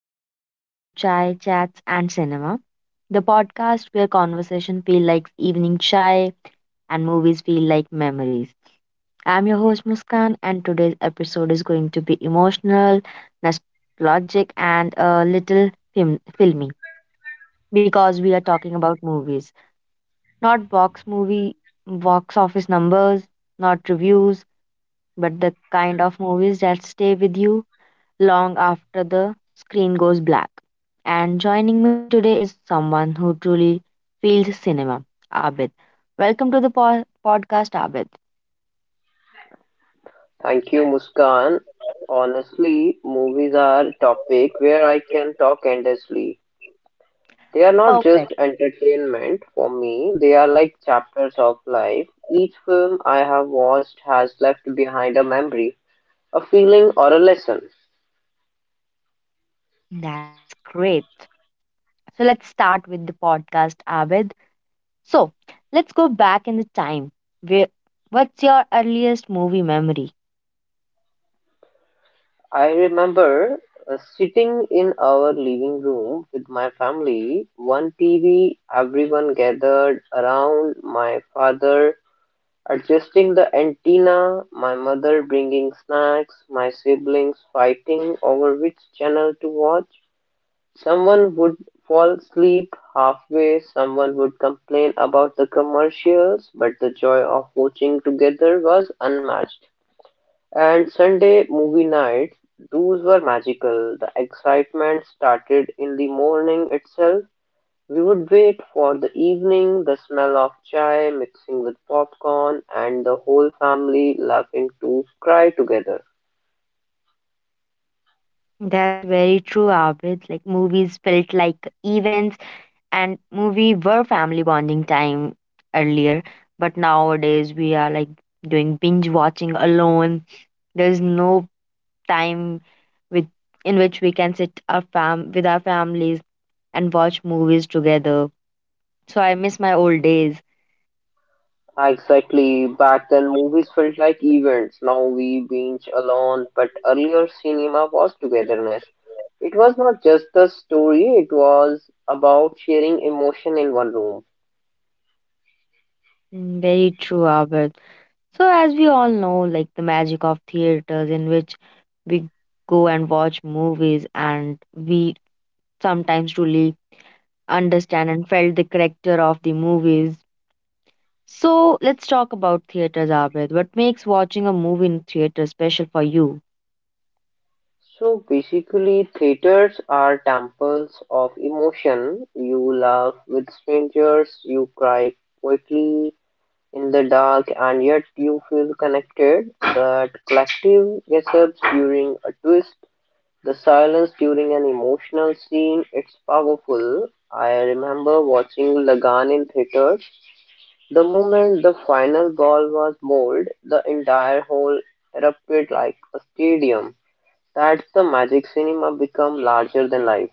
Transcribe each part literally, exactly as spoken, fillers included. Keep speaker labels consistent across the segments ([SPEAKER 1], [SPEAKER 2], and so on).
[SPEAKER 1] Welcome back to Chai Chats and Cinema, the podcast where conversation feel like evening chai and movies feel like memories. I'm your host Muskan, and today's episode is going to be emotional, nostalgic, and a little film- filmy because we are talking about movies, not box movie, box office numbers, not reviews, but the kind of movies that stay with you long after the screen goes black. And joining me today is someone who truly feels cinema, Abid. Welcome to the po- podcast, Abid.
[SPEAKER 2] Thank you, Muskan. Honestly, movies are a topic where I can talk endlessly. They are not just
[SPEAKER 1] Perfect.
[SPEAKER 2] entertainment for me, they are like chapters of life. Each film I have watched has left behind a memory, a feeling, or a lesson.
[SPEAKER 1] That's great. So let's start with the podcast, Abid. So let's go back in the time. Where, what's your earliest movie memory?
[SPEAKER 2] I remember uh, sitting in our living room with my family, one T V, everyone gathered around my father adjusting the antenna, my mother bringing snacks, my siblings fighting over which channel to watch. Someone would fall asleep halfway, someone would complain about the commercials, but the joy of watching together was unmatched. And Sunday movie nights, those were magical. The excitement started in the morning itself. We would wait for the evening, the smell of chai mixing with popcorn, and the whole family laughing to cry together.
[SPEAKER 1] That's very true, Abid. Like movies felt like events and movie were family bonding time earlier, but nowadays we are like doing binge watching alone. There's no time with in which we can sit our fam with our families and watch movies together. So I miss my old days.
[SPEAKER 2] Ah, exactly. Back then, movies felt like events. Now we binge alone, but earlier cinema was togetherness. It was not just the story, it was about sharing emotion in one room.
[SPEAKER 1] Mm, very true, Albert. So as we all know, like the magic of theaters in which we go and watch movies, and we sometimes truly understand and felt the character of the movies. So let's talk about theaters, Abid. What makes watching a movie in theater special for you?
[SPEAKER 2] So basically, theaters are temples of emotion. You laugh with strangers, you cry quickly, in the dark and yet you feel connected. That collective gasps during a twist, the silence during an emotional scene, it's powerful. I remember watching Lagan in theater. The moment the final ball was bowled, the entire hall erupted like a stadium. That's the magic cinema become larger than life.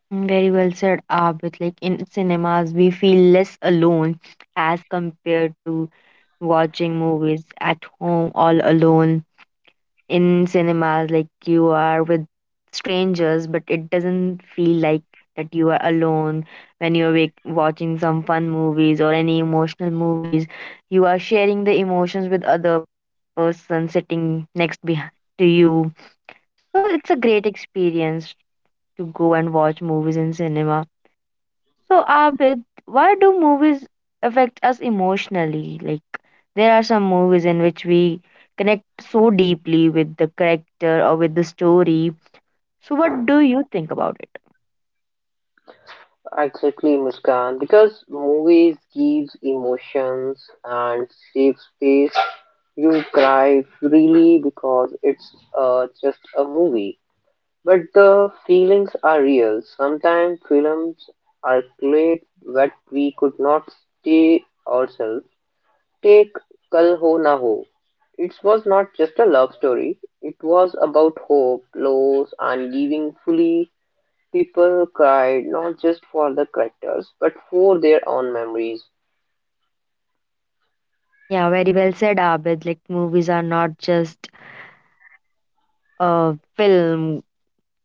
[SPEAKER 1] Mm, Very well said, Abid. Like in cinemas, we feel less alone as compared to watching movies at home all alone. In cinemas, like you are with strangers, but it doesn't feel like that you are alone when you're wa- watching some fun movies or any emotional movies. You are sharing the emotions with other person sitting next beh- to you. So it's a great experience to go and watch movies in cinema. So Abid, why do movies affect us emotionally? Like there are some movies in which we connect so deeply with the character or with the story. So what do you think about it?
[SPEAKER 2] Exactly, Muskan, because movies gives emotions and safe space. You cry freely because it's uh, just a movie, but the feelings are real. Sometimes films are great, but we could not stay ourselves. Take Kal Ho Na Ho. It was not just a love story. It was about hope, loss, and giving fully. People cried not just for the characters but for their own memories.
[SPEAKER 1] Yeah, very well said, Abid. Like movies are not just a film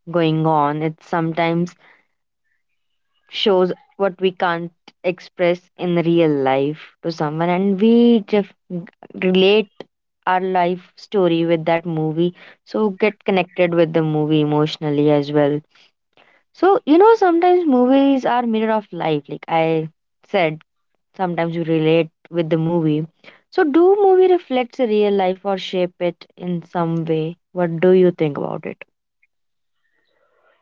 [SPEAKER 1] going on. It's sometimes shows what we can't express in real life to someone, and we def- relate our life story with that movie, so get connected with the movie emotionally as well. So you know sometimes movies are mirror of life. Like I said, sometimes you relate with the movie. So do movie reflects a real life or shape it in some way? What do you think about it?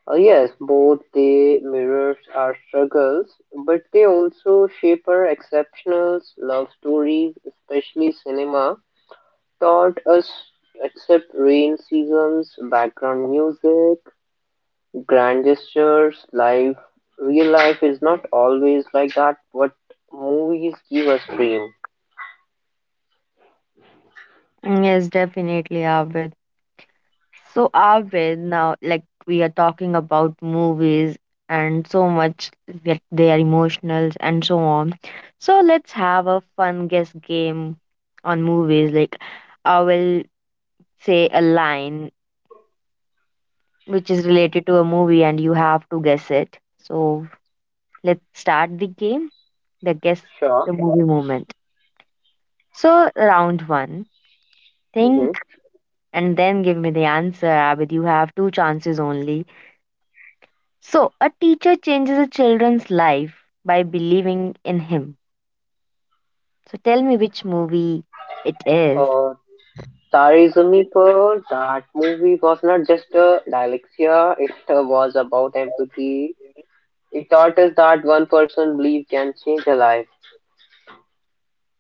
[SPEAKER 2] Uh, yes, both they mirrors our struggles, but they also shape our exceptional love stories, especially cinema, taught us accept rain seasons, background music, grand gestures, life. Real life is not always like that, what movies give us dream.
[SPEAKER 1] Yes, definitely, Abid. So are we now like we are talking about movies and so much that they are emotional and so on. So let's have a fun guess game on movies. Like I will say a line which is related to a movie and you have to guess it. So let's start the game, the guess
[SPEAKER 2] Sure.
[SPEAKER 1] the movie moment. So round one. Think
[SPEAKER 2] Mm-hmm.
[SPEAKER 1] and then give me the answer, Abid. You have two chances only. So, a teacher changes a children's life by believing in him. So, tell me which movie it is.
[SPEAKER 2] Uh, Tare Zameen, that movie was not just a dyslexia, it uh, was about empathy. It taught us that one person belief can change a life.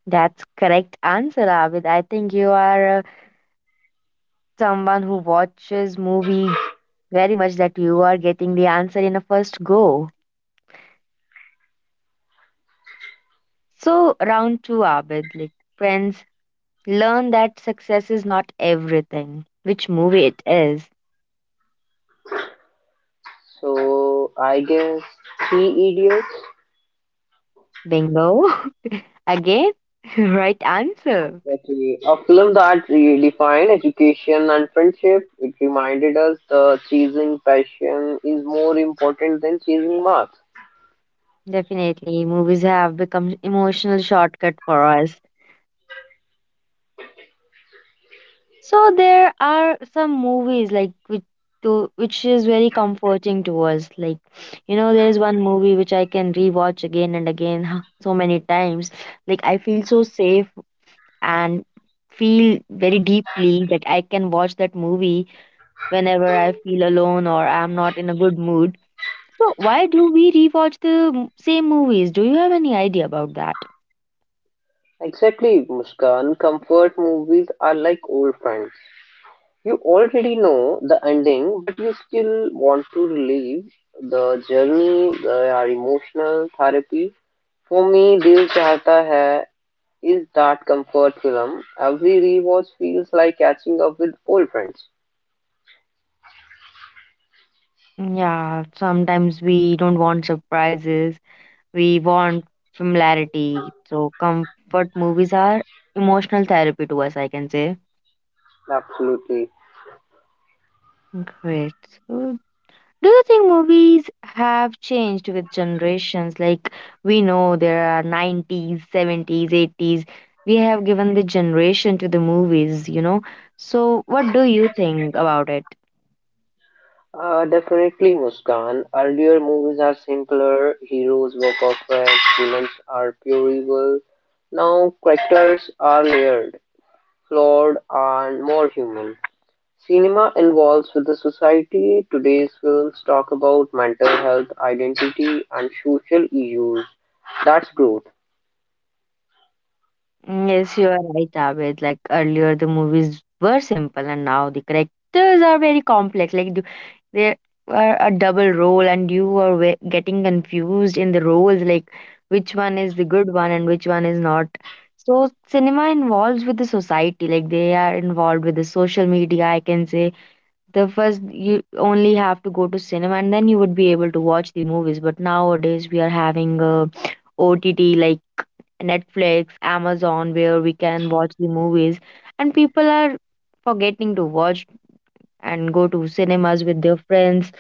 [SPEAKER 1] That's correct answer, Abid. I think you are uh, someone who watches movie very much that you are getting the answer in a first go. So, round two, Abid. Like friends, learn that success is not everything. Which movie it is?
[SPEAKER 2] So I guess Three Idiots,
[SPEAKER 1] Bingo. Again, right answer.
[SPEAKER 2] exactly, a film that redefined education and friendship. It reminded us that chasing passion is more important than chasing marks.
[SPEAKER 1] Definitely, movies have become emotional shortcut for us. So there are some movies like which to which is very comforting to us. Like you know, there is one movie which I can rewatch again and again so many times. Like I feel so safe and feel very deeply that I can watch that movie whenever I feel alone or I'm not in a good mood. So why do we rewatch the m- same movies? Do you have any idea about that?
[SPEAKER 2] Exactly, Muskan. Comfort movies are like old friends. You already know the ending, but you still want to relive the journey, the uh, emotional therapy. For me, Dil Chahta Hai is that comfort film. Every rewatch feels like catching up with old friends.
[SPEAKER 1] Yeah, sometimes we don't want surprises. We want familiarity. So comfort movies are emotional therapy to us, I can say.
[SPEAKER 2] Absolutely.
[SPEAKER 1] Great. So do you think movies have changed with generations? Like we know there are nineties, seventies, eighties. We have given the generation to the movies, you know. So what do you think about it?
[SPEAKER 2] Uh, definitely, Muskan. Earlier movies are simpler, heroes were perfect, villains are pure evil. Now, characters are layered, flawed, and more human. Cinema involves with the society today's films talk about mental health, identity, and social issues. That's growth.
[SPEAKER 1] Mm, Yes, you are right, Abed. Like earlier, the movies were simple, and now the characters are very complex. Like do- there are a double role, and you are we- getting confused in the roles, like which one is the good one and which one is not. So cinema involves with the society, like they are involved with the social media. I can say the first you only have to go to cinema, and then you would be able to watch the movies. But nowadays, we are having a O T T like Netflix, Amazon, where we can watch the movies. And people are forgetting to watch and go to cinemas with their friends,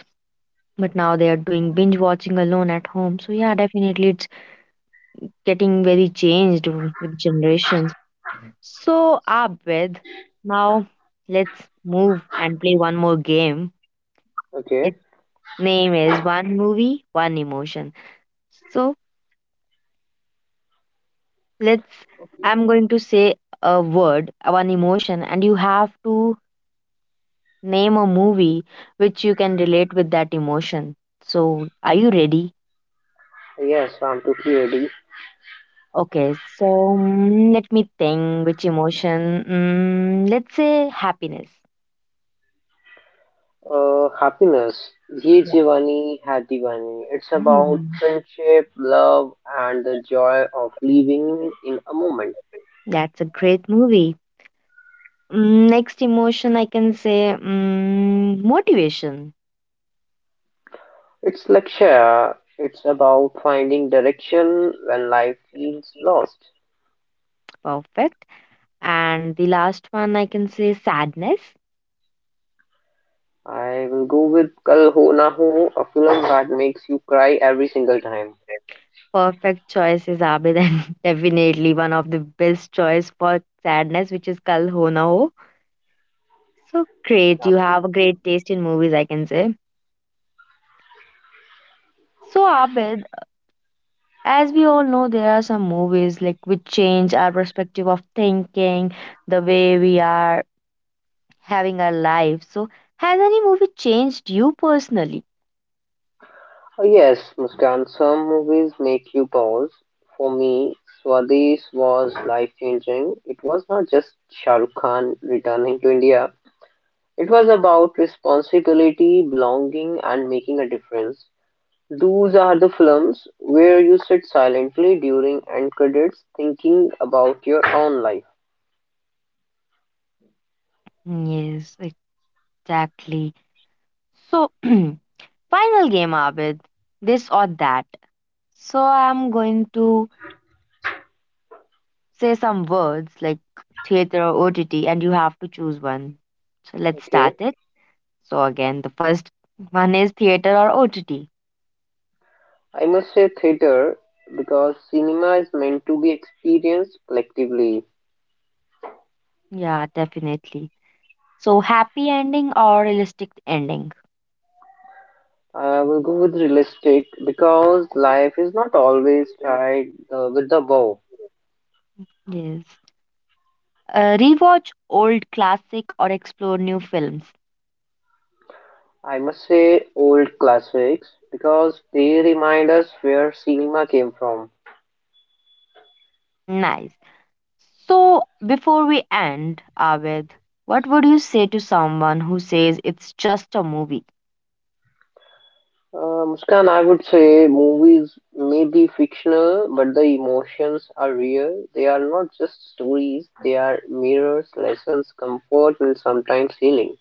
[SPEAKER 1] but now they are doing binge watching alone at home. So, yeah, definitely it's getting very changed w- with generations. So, Abed, now let's move and play one more game.
[SPEAKER 2] Okay.
[SPEAKER 1] Its name is One Movie, One Emotion. So, let's I'm going to say a word, one emotion, and you have to name a movie which you can relate with that emotion. So, are you ready?
[SPEAKER 2] Yes, I'm totally ready.
[SPEAKER 1] Okay, so mm, let me think which emotion. Mm, let's say happiness.
[SPEAKER 2] Uh, happiness. Ye
[SPEAKER 1] Yeah.
[SPEAKER 2] Jivani Hai Diwani. It's about
[SPEAKER 1] Mm,
[SPEAKER 2] friendship, love, and the joy of living in a moment.
[SPEAKER 1] that's a great movie. Mm, next emotion, I can say mm, motivation.
[SPEAKER 2] It's lecture. It's about finding direction when life feels lost.
[SPEAKER 1] Perfect. And the last one, I can say sadness.
[SPEAKER 2] I will go with Kal Ho Na Ho, a film that makes you cry every single time.
[SPEAKER 1] Perfect choice is Abid, and definitely one of the best choice for sadness, which is Kal Ho Na Ho. So great. You have a
[SPEAKER 2] Absolutely.
[SPEAKER 1] great taste in movies, I can say. So, Abid, as we all know, there are some movies like which change our perspective of thinking, the way we are having our life. So, has any movie changed you personally?
[SPEAKER 2] Uh, Yes, Muskan, some movies make you pause. For me, Swadesh was life changing. It was not just Shah Rukh Khan returning to India, it was about responsibility, belonging, and making a difference. Those are the films where you sit silently during end credits thinking about your own life.
[SPEAKER 1] Yes, exactly. So, final game, Abid. This or that. So, I'm going to say some words like theater or O T T, and you have to choose one. So, let's start
[SPEAKER 2] Okay.
[SPEAKER 1] it. So again, the first one is theater or O T T.
[SPEAKER 2] I must say theater because cinema is meant to be experienced collectively.
[SPEAKER 1] Yeah, definitely. So happy ending or realistic ending?
[SPEAKER 2] I will go with realistic because life is not always tied uh, with the bow.
[SPEAKER 1] Yes. Uh, rewatch old classic or explore new films.
[SPEAKER 2] I must say old classics because they remind us where cinema came from.
[SPEAKER 1] Nice. So before we end, Abed, what would you say to someone who says it's just a movie?
[SPEAKER 2] Uh, Muskan, I would say movies may be fictional, but the emotions are real. They are not just stories, they are mirrors, lessons, comfort, and sometimes healing.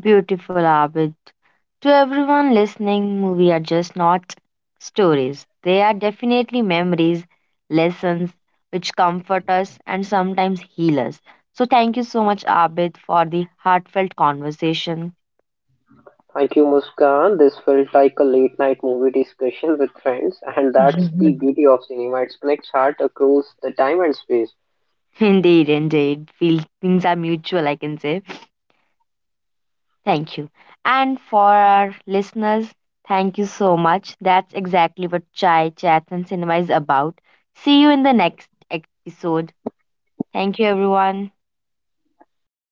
[SPEAKER 1] Beautiful, Abid. To everyone listening, movies are just not stories. They are definitely memories, lessons which comfort us and sometimes heal us. So thank you so much, Abid, for the heartfelt conversation.
[SPEAKER 2] Thank you, Muskan. This felt like a late night movie discussion with friends, and that's the beauty of cinema. It connects heart across the time and space.
[SPEAKER 1] Indeed, indeed. Feel things are mutual, I can say. Thank you. And for our listeners, thank you so much. That's exactly what Chai Chats and Cinema is about. See you in the next episode. Thank you, everyone.